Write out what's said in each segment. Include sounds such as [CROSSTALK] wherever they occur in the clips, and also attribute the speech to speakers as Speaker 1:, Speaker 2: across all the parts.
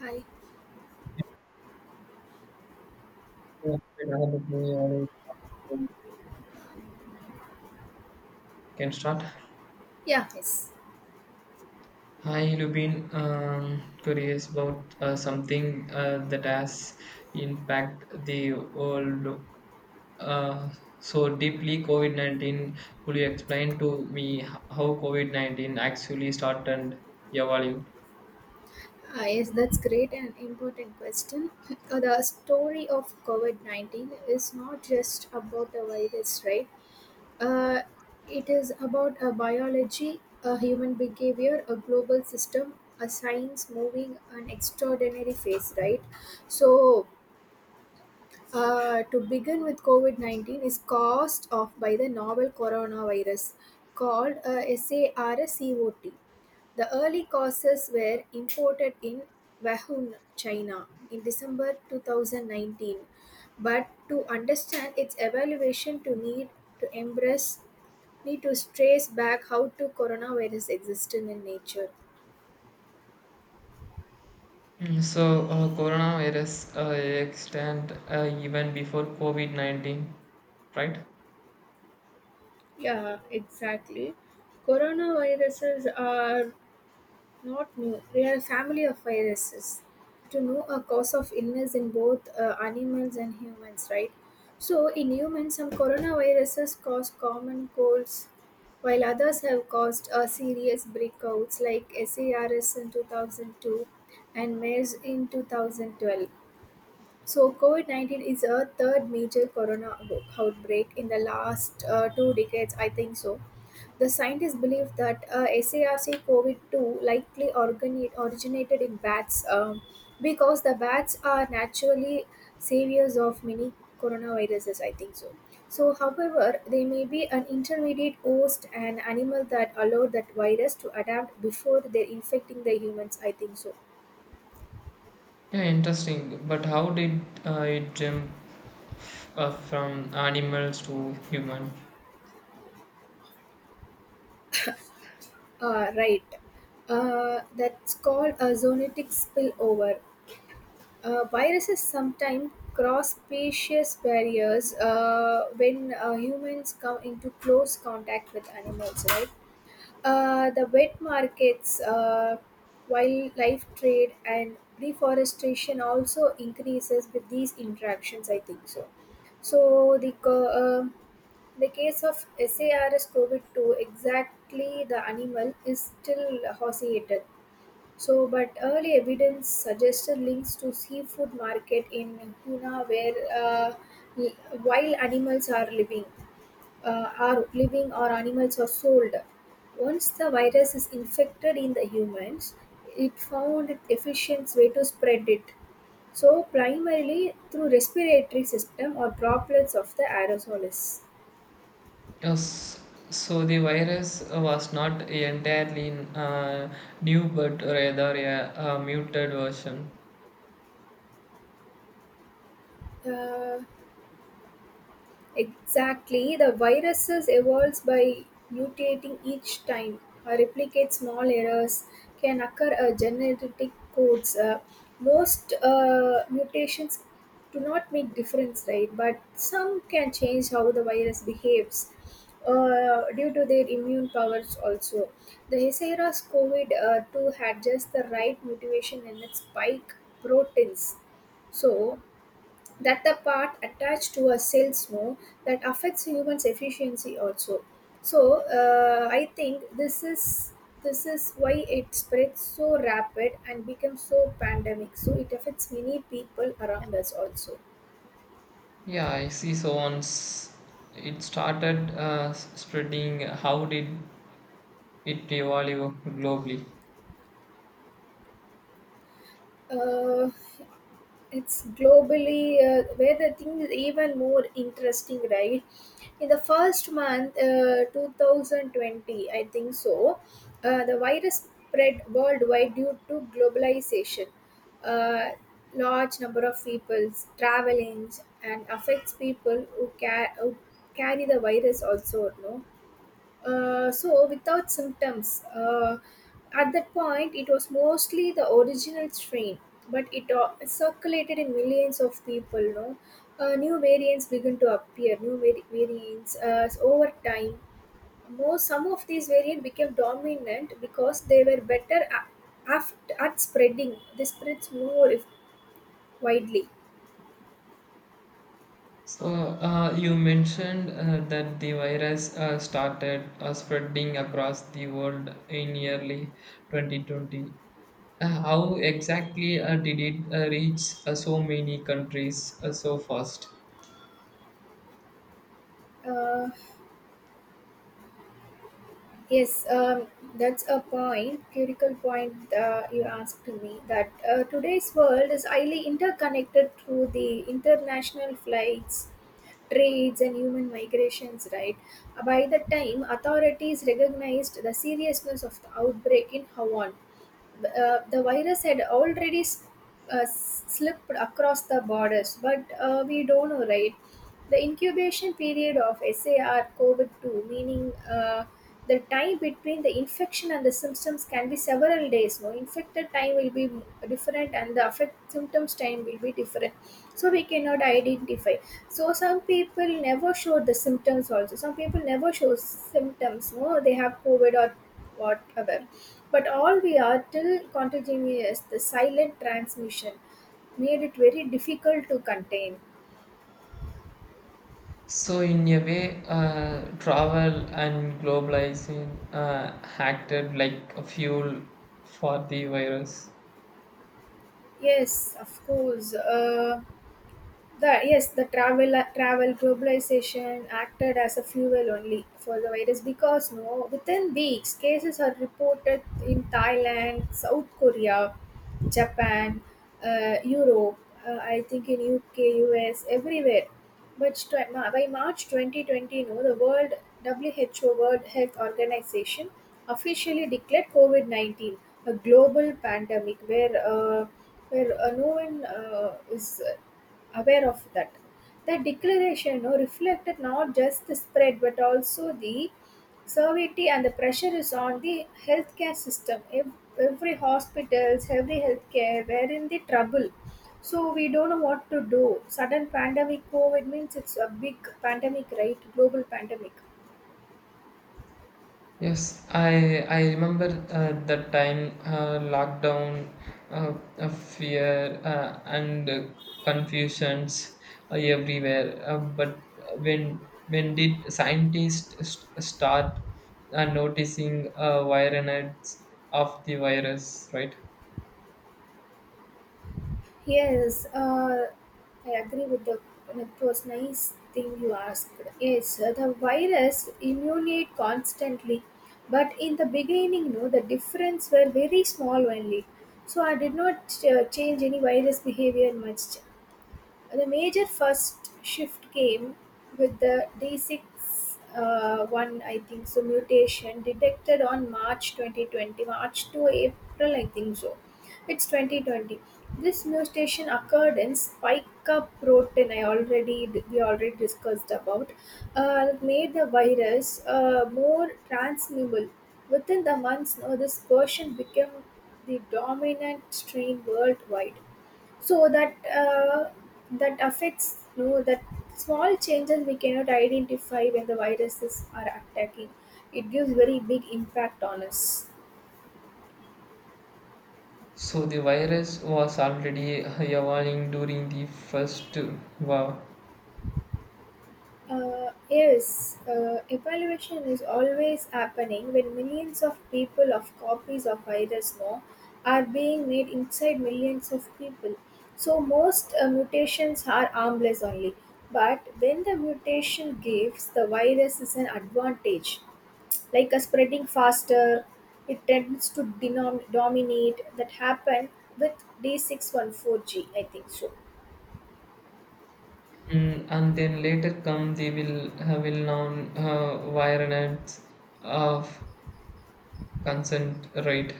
Speaker 1: Hi.
Speaker 2: Yeah, great. I have uh, can start.
Speaker 1: Yeah. Yes.
Speaker 2: Hi, Lubin. Curious about something that has impacted the world uh, so deeply. COVID 19. Could you explain to me how COVID 19 actually started evolving?
Speaker 1: Ah, yes, that's great and important question. The story of COVID 19 is not just about a virus, right? Uh, it is about a biology, a human behavior, a global system, a science moving an extraordinary phase, right? So, to begin with, COVID 19 is caused off by the novel coronavirus called SARS-CoV. The early causes were imported in Wuhan, China in December 2019. But to understand its evaluation, to need to embrace, need to trace back how to coronavirus existed in nature.
Speaker 2: Mm, so, coronavirus extend even before COVID 19, right?
Speaker 1: Yeah, exactly. Coronaviruses are not new. We are a family of viruses. To know a cause of illness in both animals and humans, right? So, in humans, some coronaviruses cause common colds, while others have caused serious breakouts like SARS in 2002 and MERS in 2012. So, COVID 19 is a third major corona outbreak in the last two decades, I think so. The scientists believe that SARC COVID 2 likely originated in bats because the bats are naturally saviors of many coronaviruses, I think so. So, however, they may be an intermediate host, an animal that allowed that virus to adapt before they're infecting the humans, I think so.
Speaker 2: Yeah, interesting. But how did it jump from animals to human.
Speaker 1: Right. That's called a zoonotic spillover. Viruses sometimes cross species barriers when humans come into close contact with animals, right? The wet markets, wildlife trade, and deforestation also increases with these interactions, I think so. So the case of SARS CoV two, exactly the animal, is still horseiated. So, but early evidence suggested links to seafood market in Pune, where wild animals are living or animals are sold. Once the virus is infected in the humans, it found an efficient way to spread it. So, primarily through respiratory system or droplets of the aerosols.
Speaker 2: Yes, so the virus was not entirely new, but rather a muted version.
Speaker 1: Uh, Exactly, the viruses evolves by mutating each time. Replicate small errors can occur genetic codes. Most mutations do not make difference, right? But some can change how the virus behaves due to their immune powers also. The Hesera's COVID-2 had just the right mutation in its spike proteins. So, that the part attached to a cells know that affects humans efficiency also, so I think this is why it spreads so rapid and becomes so pandemic, so it affects many people around us also.
Speaker 2: Yeah, I see. So once it started spreading, how did it evolve globally?
Speaker 1: Uh, it's globally where the thing is even more interesting, right? In the first month 2020, I think so. Uh, the virus spread worldwide due to globalization. uh, Large number of people traveling and affects people who carry the virus also, no, so without symptoms. At that point, it was mostly the original strain, but it circulated in millions of people. No, new variants begin to appear. New variants over time. More some of these variants became dominant because they were better at, at spreading. They spreads more if widely.
Speaker 2: So you mentioned that the virus started spreading across the world in early 2020. How exactly did it reach so many countries so fast?
Speaker 1: Uh, Yes, that's a point, critical point you asked me that today's world is highly interconnected through the international flights, trades, and human migrations, right? By the time authorities recognized the seriousness of the outbreak in Hawaii, the virus had already slipped across the borders, but we don't know, right? The incubation period of SAR COVID 2, meaning the time between the infection and the symptoms can be several days. No, infected time will be different, and the affect symptoms time will be different. So we cannot identify. So some people never show the symptoms also. Some people never show symptoms. No, they have COVID or whatever. But all we are till contagion is the silent transmission made it very difficult to contain.
Speaker 2: So in a way, travel and globalization acted like a fuel for the virus.
Speaker 1: Yes, of course. The travel globalization acted as a fuel only for the virus, because, no, within weeks cases are reported in Thailand, South Korea, Japan, Europe. I think in UK, US, everywhere. But by March 2020, no, the World WHO, World Health Organization, officially declared COVID-19 a global pandemic where no one is aware of that. The declaration, no, reflected not just the spread but also the severity and the pressure is on the healthcare system. Every hospitals, every healthcare, we're in the trouble. So we don't know what to do. Sudden pandemic, COVID means it's a big pandemic, right? Global pandemic.
Speaker 2: Yes, I remember that time lockdown, fear and confusions everywhere. But when when did scientists start noticing variants of the virus, right?
Speaker 1: Yes, I agree with the. It was nice thing you asked. Yes, the virus immunate constantly, but in the beginning, no, the difference were very small only. So I did not change any virus behavior much. The major first shift came with the D six one, I think so, mutation detected on March 2020, March to April, I think so. It's 2020. This mutation occurred in spica protein. I already We already discussed about. That made the virus more transmissible. Within the months, now this version became the dominant strain worldwide, so that that affects, you know, that small changes we cannot identify. When the viruses are attacking, it gives very big impact on us.
Speaker 2: So the virus was already evolving during the first wow.
Speaker 1: Yes, evaluation is always happening when millions of people of copies of virus, no, are being made inside millions of people, so most mutations are harmless only. But when the mutation gives the virus is an advantage like a spreading faster, it tends to dominate. That happened with d614g, I think so.
Speaker 2: Mm, and then later come the will known variants of consent rate.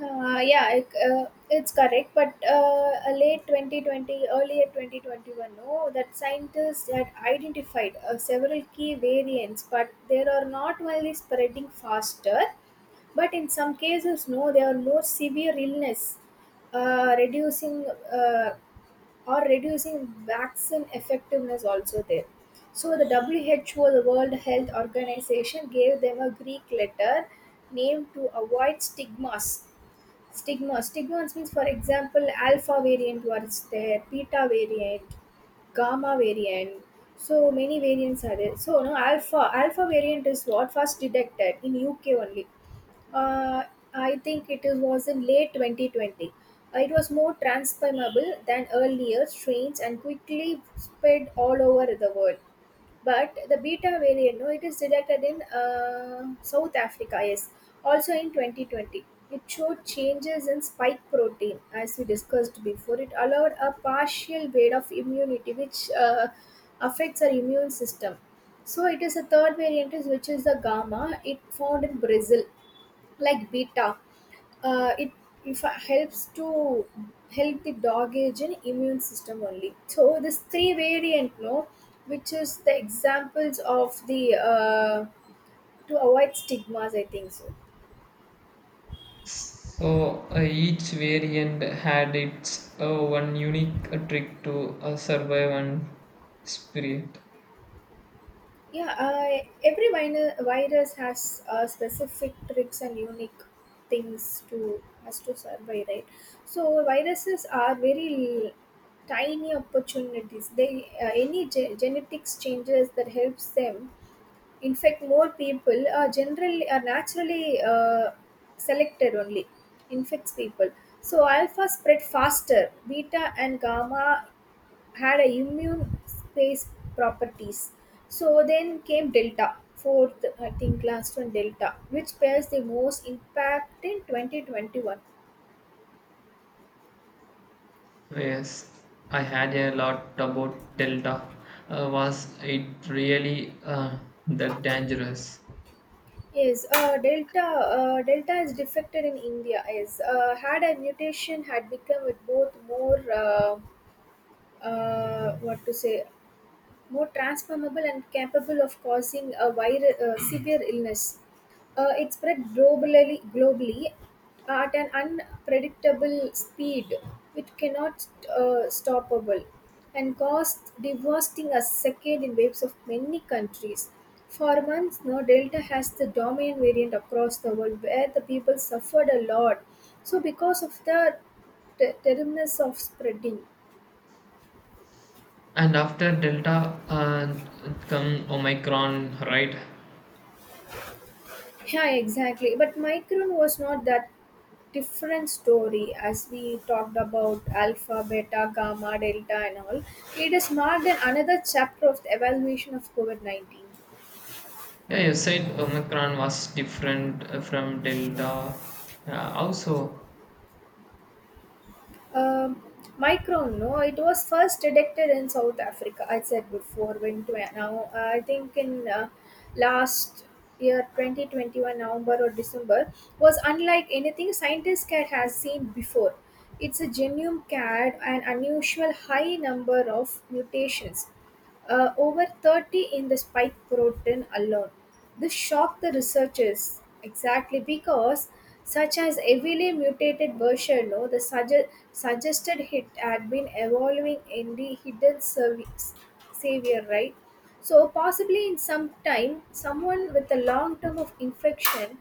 Speaker 1: Yeah, it's correct, but a late 2020, earlier 2021, no, that scientists had identified several key variants, but they are not only spreading faster but in some cases, no, they are more severe illness, reducing uh, or reducing vaccine effectiveness also there. So the WHO, the World Health Organization, gave them a Greek letter name to avoid stigmas. Stigma. Stigmas means, for example, alpha variant was there, beta variant, gamma variant. So many variants are there. So no alpha. Alpha variant is what first detected in UK only. Uh, I think it was in late 2020. It was more transformable than earlier strains and quickly spread all over the world. But the beta variant, no, it is detected in South Africa, yes, also in 2020. It showed changes in spike protein, as we discussed before. It allowed a partial rate of immunity, which affects our immune system. So it is a third variant which is the gamma, it found in Brazil. Like beta, it, if it helps to help the dog age and immune system only. So this three variant, no, which is the examples of the to avoid stigmas, I think so.
Speaker 2: So each variant had its one unique trick to survive and spirit.
Speaker 1: Yeah, every minor virus has specific tricks and unique things to has to survive, right? So viruses are very tiny opportunities. They any genetics changes that helps them. In fact, more people are generally are naturally selected only infects people. So alpha spread faster. Beta and gamma had a immune space properties. So then came delta, fourth, I think last one, delta, which bears the most impact in 2021.
Speaker 2: Yes, I had a lot about Delta. Was it really that dangerous?
Speaker 1: Yes, Delta is defected in India. Yes, had a mutation had become with both more what to say, more transformable and capable of causing a severe illness. It spread globally at an unpredictable speed, which cannot stoppable, and caused devastating a second in waves of many countries. For months now, Delta has the dominant variant across the world, where the people suffered a lot. So, because of the terribleness of spreading.
Speaker 2: And after Delta come Omicron, right?
Speaker 1: Yeah, exactly. But Micron was not that different story as we talked about alpha, beta, gamma, delta, and all. It is marked in another chapter of the evaluation of COVID 19.
Speaker 2: Yeah, you said Omicron was different from Delta. Yeah, also,
Speaker 1: Um, Micron, no, it was first detected in South Africa. I said before, when to now, I think in last year 2021 November or December, was unlike anything scientists cat has seen before. It's a genuine cat an unusual high number of mutations over 30 in the spike protein alone. This shocked the researchers exactly because such as heavily mutated version, no, the suggested hit had been evolving in the hidden service, savior, right? So possibly in some time, someone with a long term of infection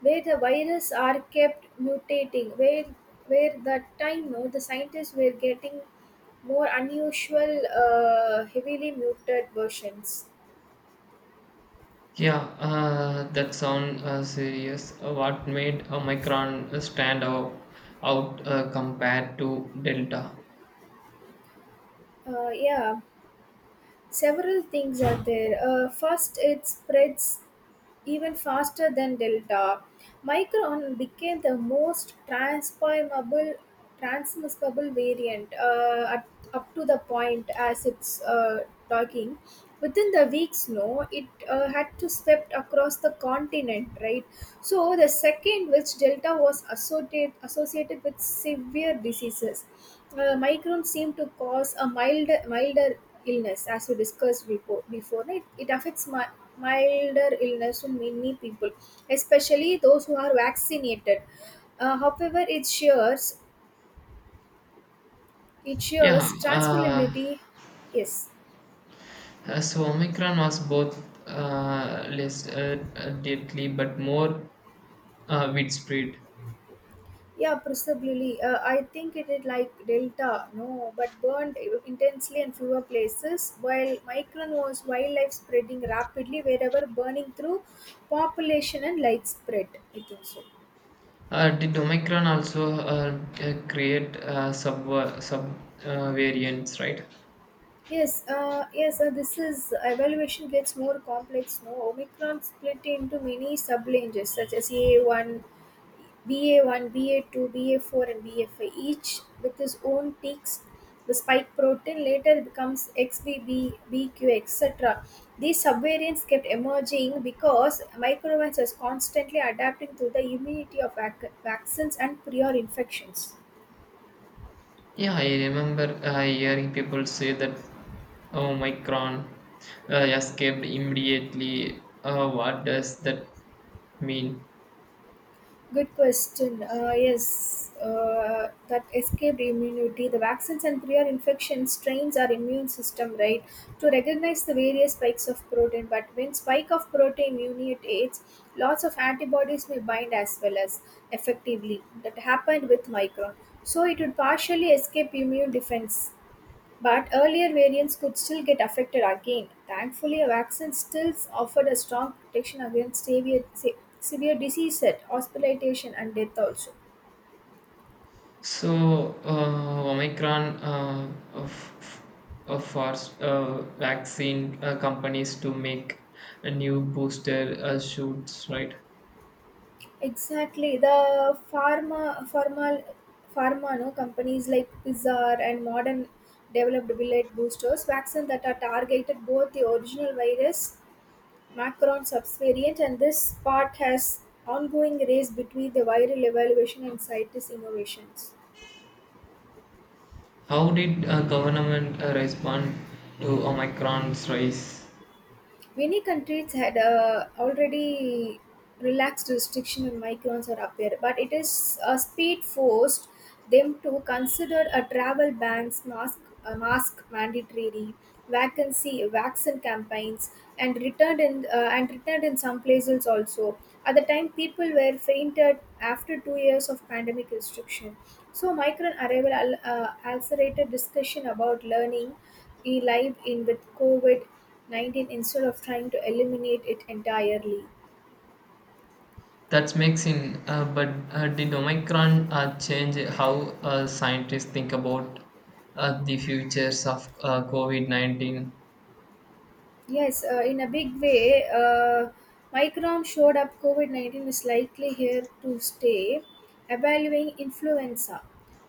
Speaker 1: where the viruses are kept mutating. Where that time, no, the scientists were getting more unusual, heavily muted versions.
Speaker 2: yeah, that sound serious. What made Omicron stand out, compared to Delta?
Speaker 1: Yeah, several things are there. First, it spreads even faster than Delta. Micron became the most transformable transmissible variant up to the point as it's talking. Within the weeks, no, it had to swept across the continent, right? So the second, which Delta was associated with severe diseases. Micron seemed to cause a milder illness as we discussed before, right? Milder illness to many people, especially those who are vaccinated. However, it shares it
Speaker 2: Yeah,
Speaker 1: shares transferability. Yes,
Speaker 2: so Omicron was both less deadly but more widespread.
Speaker 1: yeah, possibly. I think it is like Delta, no, but burned intensely in fewer places, while Micron was wildlife spreading rapidly wherever burning through population and light spread. I think so.
Speaker 2: Did Omicron also create sub variants, right?
Speaker 1: Yes, yes, this is evaluation gets more complex now. Omicron split into many sub-ranges such as EA1, BA1, BA2, BA4, and BA5, each with its own peaks. The spike protein later becomes XBB, BQ, etc. These subvariants kept emerging because microvans was constantly adapting to the immunity of vaccines and prior infections.
Speaker 2: Yeah, I remember hearing people say that Omicron escaped immediately. What does that mean?
Speaker 1: Good question. Yes, that escaped immunity. The vaccines and prior infections strains our immune system, right, to recognize the various spikes of protein. But when spike of protein mutates, lots of antibodies may bind as well as effectively. That happened with Micron. So it would partially escape immune defense. But earlier variants could still get affected again. Thankfully, a vaccine still offered a strong protection against severe diseases, hospitalization, and death also.
Speaker 2: So, Omicron f- forced vaccine companies to make a new booster shoots, right?
Speaker 1: Exactly. The pharma, no, companies like Pfizer and modern developed bullet boosters, vaccines that are targeted both the original virus, Macron subvariant, and this part has ongoing race between the viral evaluation and scientist innovations.
Speaker 2: How did government respond to Omicron's rise?
Speaker 1: Many countries had already relaxed restriction on migrants or appear, but it is a speed forced them to consider a travel bans, a mask mandatory, vaccine campaigns, and returned in some places also. At the time, people were fainted after 2 years of pandemic restriction. So, migrant arrival accelerated discussion about learning, e live in with COVID 19 instead of trying to eliminate it entirely.
Speaker 2: That makes sense. But did Omicron change how scientists think about the futures of COVID 19?
Speaker 1: Yes, in a big way. Micron showed up COVID 19 is likely here to stay, evaluating influenza.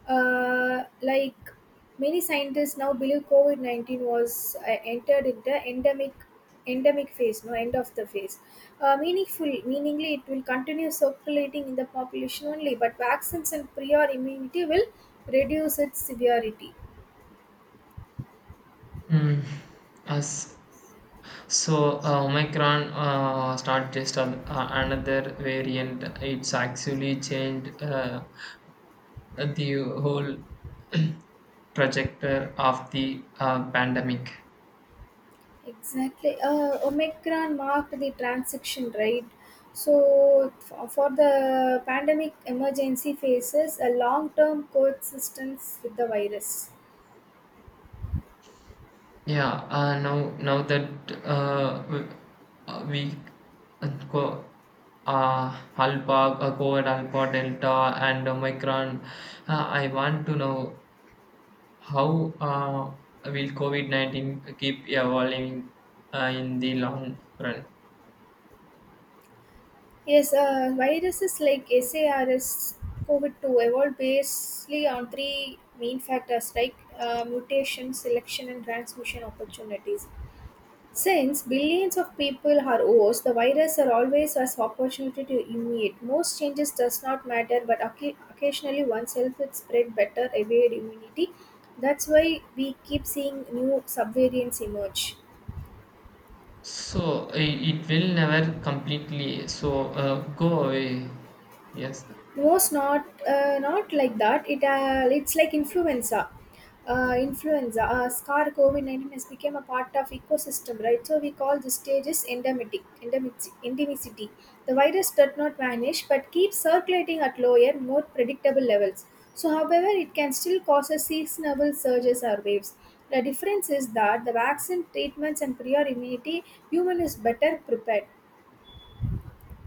Speaker 1: Like many scientists now believe COVID 19 was entered in the endemic phase no end of the phase, meaningful meaningly it will continue circulating in the population only, but vaccines and prior immunity will reduce its severity.
Speaker 2: Mm. As, so, Omicron was not just an, another variant, it's actually changed the whole [CLEARS THROAT] trajectory of the pandemic.
Speaker 1: Exactly. Omicron marked the transition, right? So, for the pandemic emergency phases, a long term coexistence with the virus.
Speaker 2: Yeah, now that uh, we, we go alpha, code alpha, delta, and omicron, I want to know how will COVID 19 keep evolving in the long run?
Speaker 1: Yes, viruses like SARS COVID 2 evolved basically on three main factors like mutation, selection, and transmission opportunities. Since billions of people are hosts, the virus are always as opportunity to immunate. Most changes does not matter, but occasionally oneself would spread better evade immunity. That's why we keep seeing new subvariants emerge.
Speaker 2: So it will never completely so go away. Yes.
Speaker 1: Most not like that. It's like influenza. Scar COVID-19 has become a part of ecosystem, right? So we call this stage is endemicity. The virus does not vanish but keeps circulating at lower, more predictable levels. So however, it can still cause a seasonal surges or waves. The difference is that the vaccine treatments and prior immunity, human is better prepared.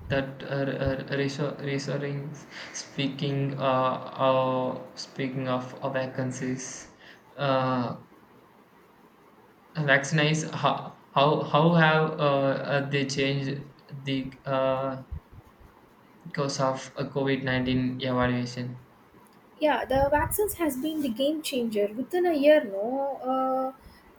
Speaker 2: That reassuring speaking speaking of vacancies uh, vaccines how have they changed the course of covid-19 evaluation.
Speaker 1: Yeah, the vaccines has been the game changer within a year, no, uh,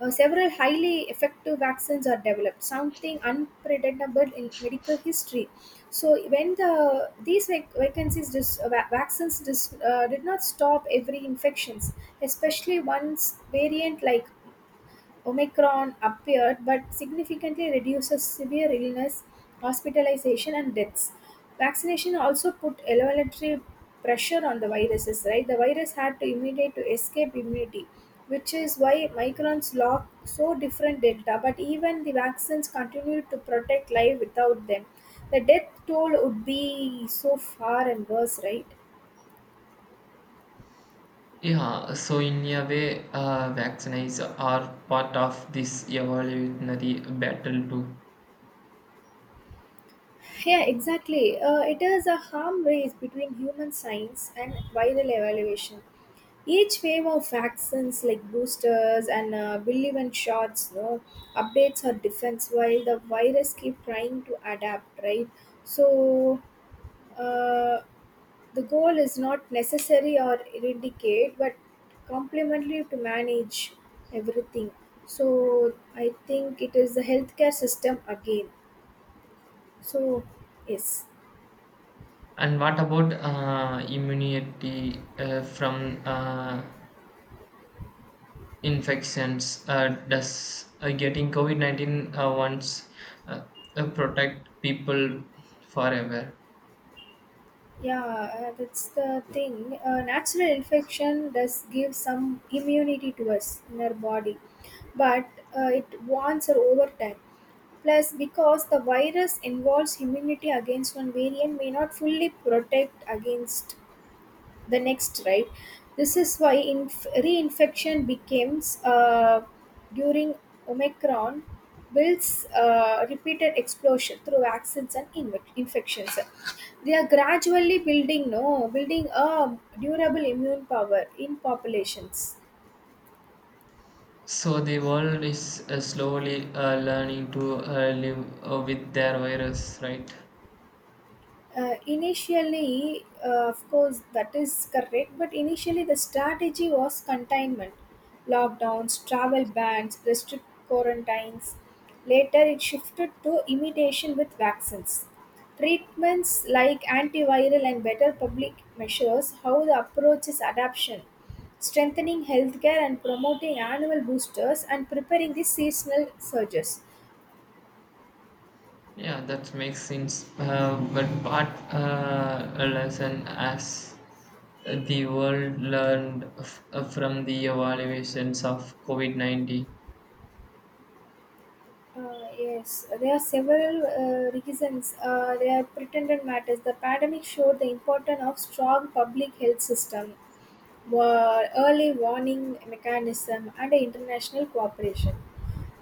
Speaker 1: uh, several highly effective vaccines are developed, something unpredictable in medical history. So when these vaccines did not stop every infections, especially once variant like Omicron appeared, but significantly reduces severe illness, hospitalization, and deaths. Vaccination also put elementary pressure on the viruses, right? The virus had to imitate to escape immunity, which is why Micron's lock so different delta, but even the vaccines continued to protect life without them. The death toll would be so far and worse, right?
Speaker 2: Yeah, so in a way, vaccines are part of this evolutionary battle too.
Speaker 1: Yeah, exactly. It is a harm race between human science and viral evaluation. Each wave of vaccines like boosters and relevant shots, no, updates are defense while the virus keep trying to adapt, right? So, uh, the goal is not necessary or eradicate but complementary to manage everything. So I think it is the healthcare system again. So, yes.
Speaker 2: And what about immunity from infections. Does getting COVID 19 once uh, protect people forever?
Speaker 1: Yeah, that's the thing. Natural infection does give some immunity to us in our body, but it wants her over time. Plus, because the virus involves immunity against one variant, may not fully protect against the next, right? This is why reinfection becomes, during omicron, builds repeated explosion through vaccines and infections. They are gradually building no building a durable immune power in populations.
Speaker 2: So the world is slowly learning to live with their virus, right?
Speaker 1: Initially Of course that is correct, but initially the strategy was containment, lockdowns, travel bans, restrict quarantines. Later it shifted to imitation with vaccines, treatments like antiviral, and better public measures. How the approach is adaption, strengthening healthcare and promoting annual boosters and preparing the seasonal surges.
Speaker 2: Yeah, that makes sense. But part a lesson as the world learned from the evaluations of COVID 19.
Speaker 1: Yes, there are several reasons. They are pretended matters. The pandemic showed the importance of strong public health system, early warning mechanism, and international cooperation.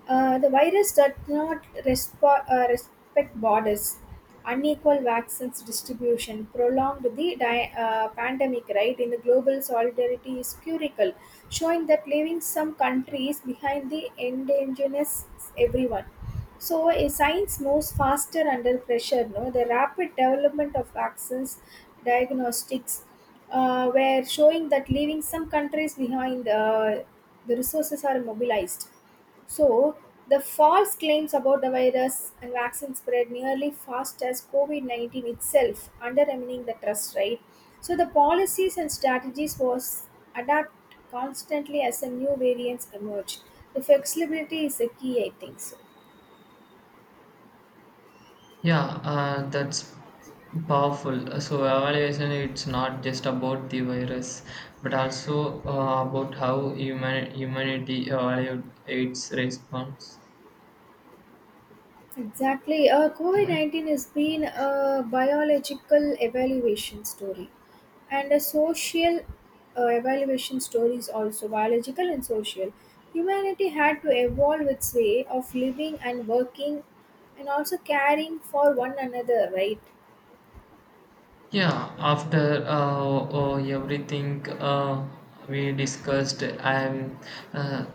Speaker 1: The virus does not respect borders. Unequal vaccines distribution prolonged the pandemic, right? In the global solidarity is curical, showing that leaving some countries behind the endangers everyone. So, a science moves faster under pressure. No, the rapid development of vaccines, diagnostics, were showing that leaving some countries behind. The resources are mobilized. So, the false claims about the virus and vaccine spread nearly fast as COVID 19 itself, undermining the trust, right? So, the policies and strategies was adapt constantly as the new variants emerged. The flexibility is the key, I think so.
Speaker 2: Yeah, that's powerful. So evaluation, it's not just about the virus, but also about how humanity evaluated its response.
Speaker 1: Exactly. COVID 19 has been a biological evaluation story and a social evaluation story is also biological and social. Humanity had to evolve its way of living and working and also caring for one another, right?
Speaker 2: Yeah, after everything we discussed, I'm uh,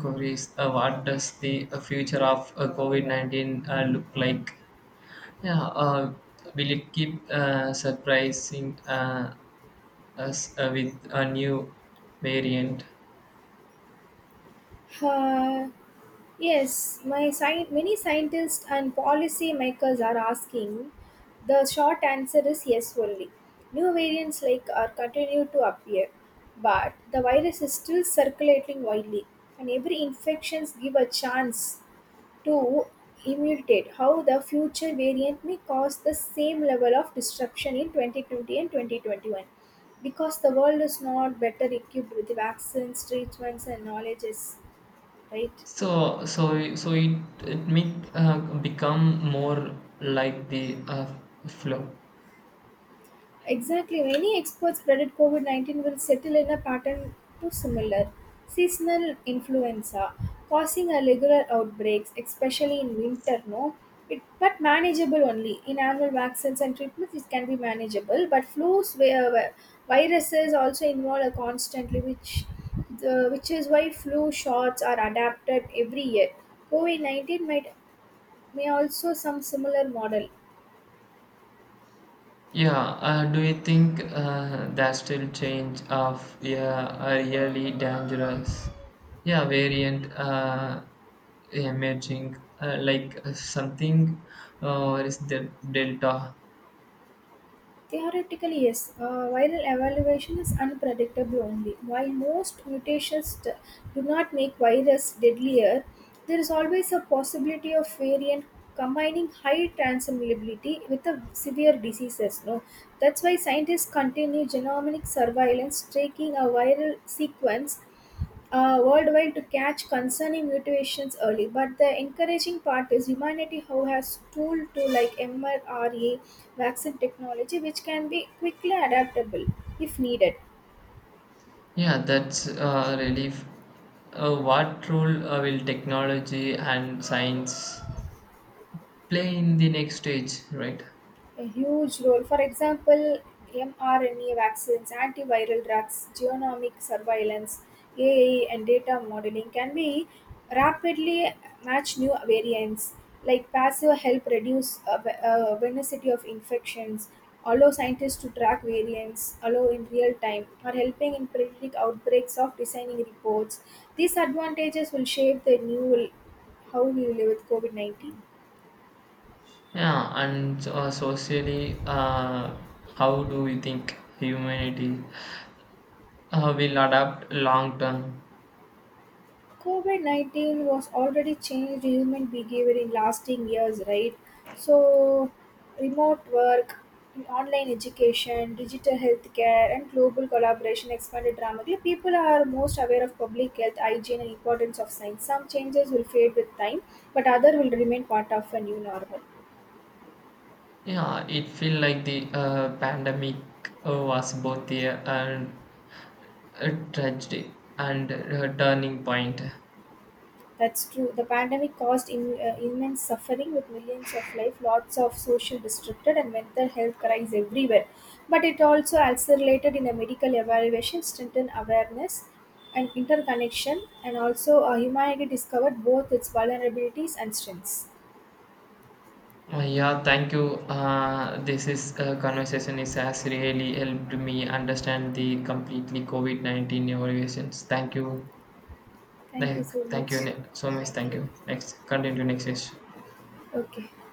Speaker 2: curious what does the future of COVID-19 look like? Yeah, will it keep surprising as with a new variant.
Speaker 1: Uh, Yes, many scientists and policy makers are asking. The short answer is yes only. New variants like are continue to appear, but the virus is still circulating widely, and every infections give a chance to imitate how the future variant may cause the same level of disruption in 2020 and 2021 because the world is not better equipped with vaccines, treatments, and knowledges, right?
Speaker 2: So it it may become more like the flow.
Speaker 1: Exactly. Many experts predict COVID 19 will settle in a pattern too similar. Seasonal influenza causing irregular outbreaks, especially in winter, no? It, but manageable only. In annual vaccines and treatments, it can be manageable. But flu viruses also involve a constantly, which is why flu shots are adapted every year. COVID 19 might may also some similar model.
Speaker 2: Yeah. Do you think that still change of yeah a really dangerous yeah variant emerging like something or is the delta?
Speaker 1: Theoretically, yes. Viral evaluation is unpredictable only. While most mutations do not make virus deadlier, there is always a possibility of variant combining high transmissibility with a severe diseases. No, that's why scientists continue genomic surveillance, taking a viral sequence worldwide to catch concerning mutations early. But the encouraging part is humanity how has tool to like mRNA vaccine technology, which can be quickly adaptable if needed.
Speaker 2: Yeah, that's really. Relief. What role will technology and science play in the next stage, right?
Speaker 1: A huge role. For example, mRNA vaccines, antiviral drugs, genomic surveillance, AI, and data modeling can be rapidly match new variants. Like passive help reduce venicity of infections, allow scientists to track variants, allow in real time, or helping in predict outbreaks of designing reports. These advantages will shape the new how we live with COVID 19.
Speaker 2: Yeah, and socially, how do we think humanity will adapt long term?
Speaker 1: COVID 19 was already changed human behavior in lasting years, right? So, remote work, online education, digital healthcare, and global collaboration expanded dramatically. People are most aware of public health, hygiene, and importance of science. Some changes will fade with time, but other will remain part of a new normal.
Speaker 2: Yeah, it feel like the pandemic was both a tragedy and a turning point.
Speaker 1: That's true. The pandemic caused immense suffering with millions of life, lots of social disrupted, and mental health crises everywhere. But it also accelerated in a medical evaluation, strengthened awareness and interconnection, and also humanity discovered both its vulnerabilities and strengths.
Speaker 2: Yeah, thank you. This is conversation is has really helped me understand the completely COVID 19 evaluations. Thank you,
Speaker 1: Thank you so
Speaker 2: thank
Speaker 1: much.
Speaker 2: you so much.
Speaker 1: Thank
Speaker 2: Thank
Speaker 1: you.
Speaker 2: you. Next, continue next session.
Speaker 1: Okay.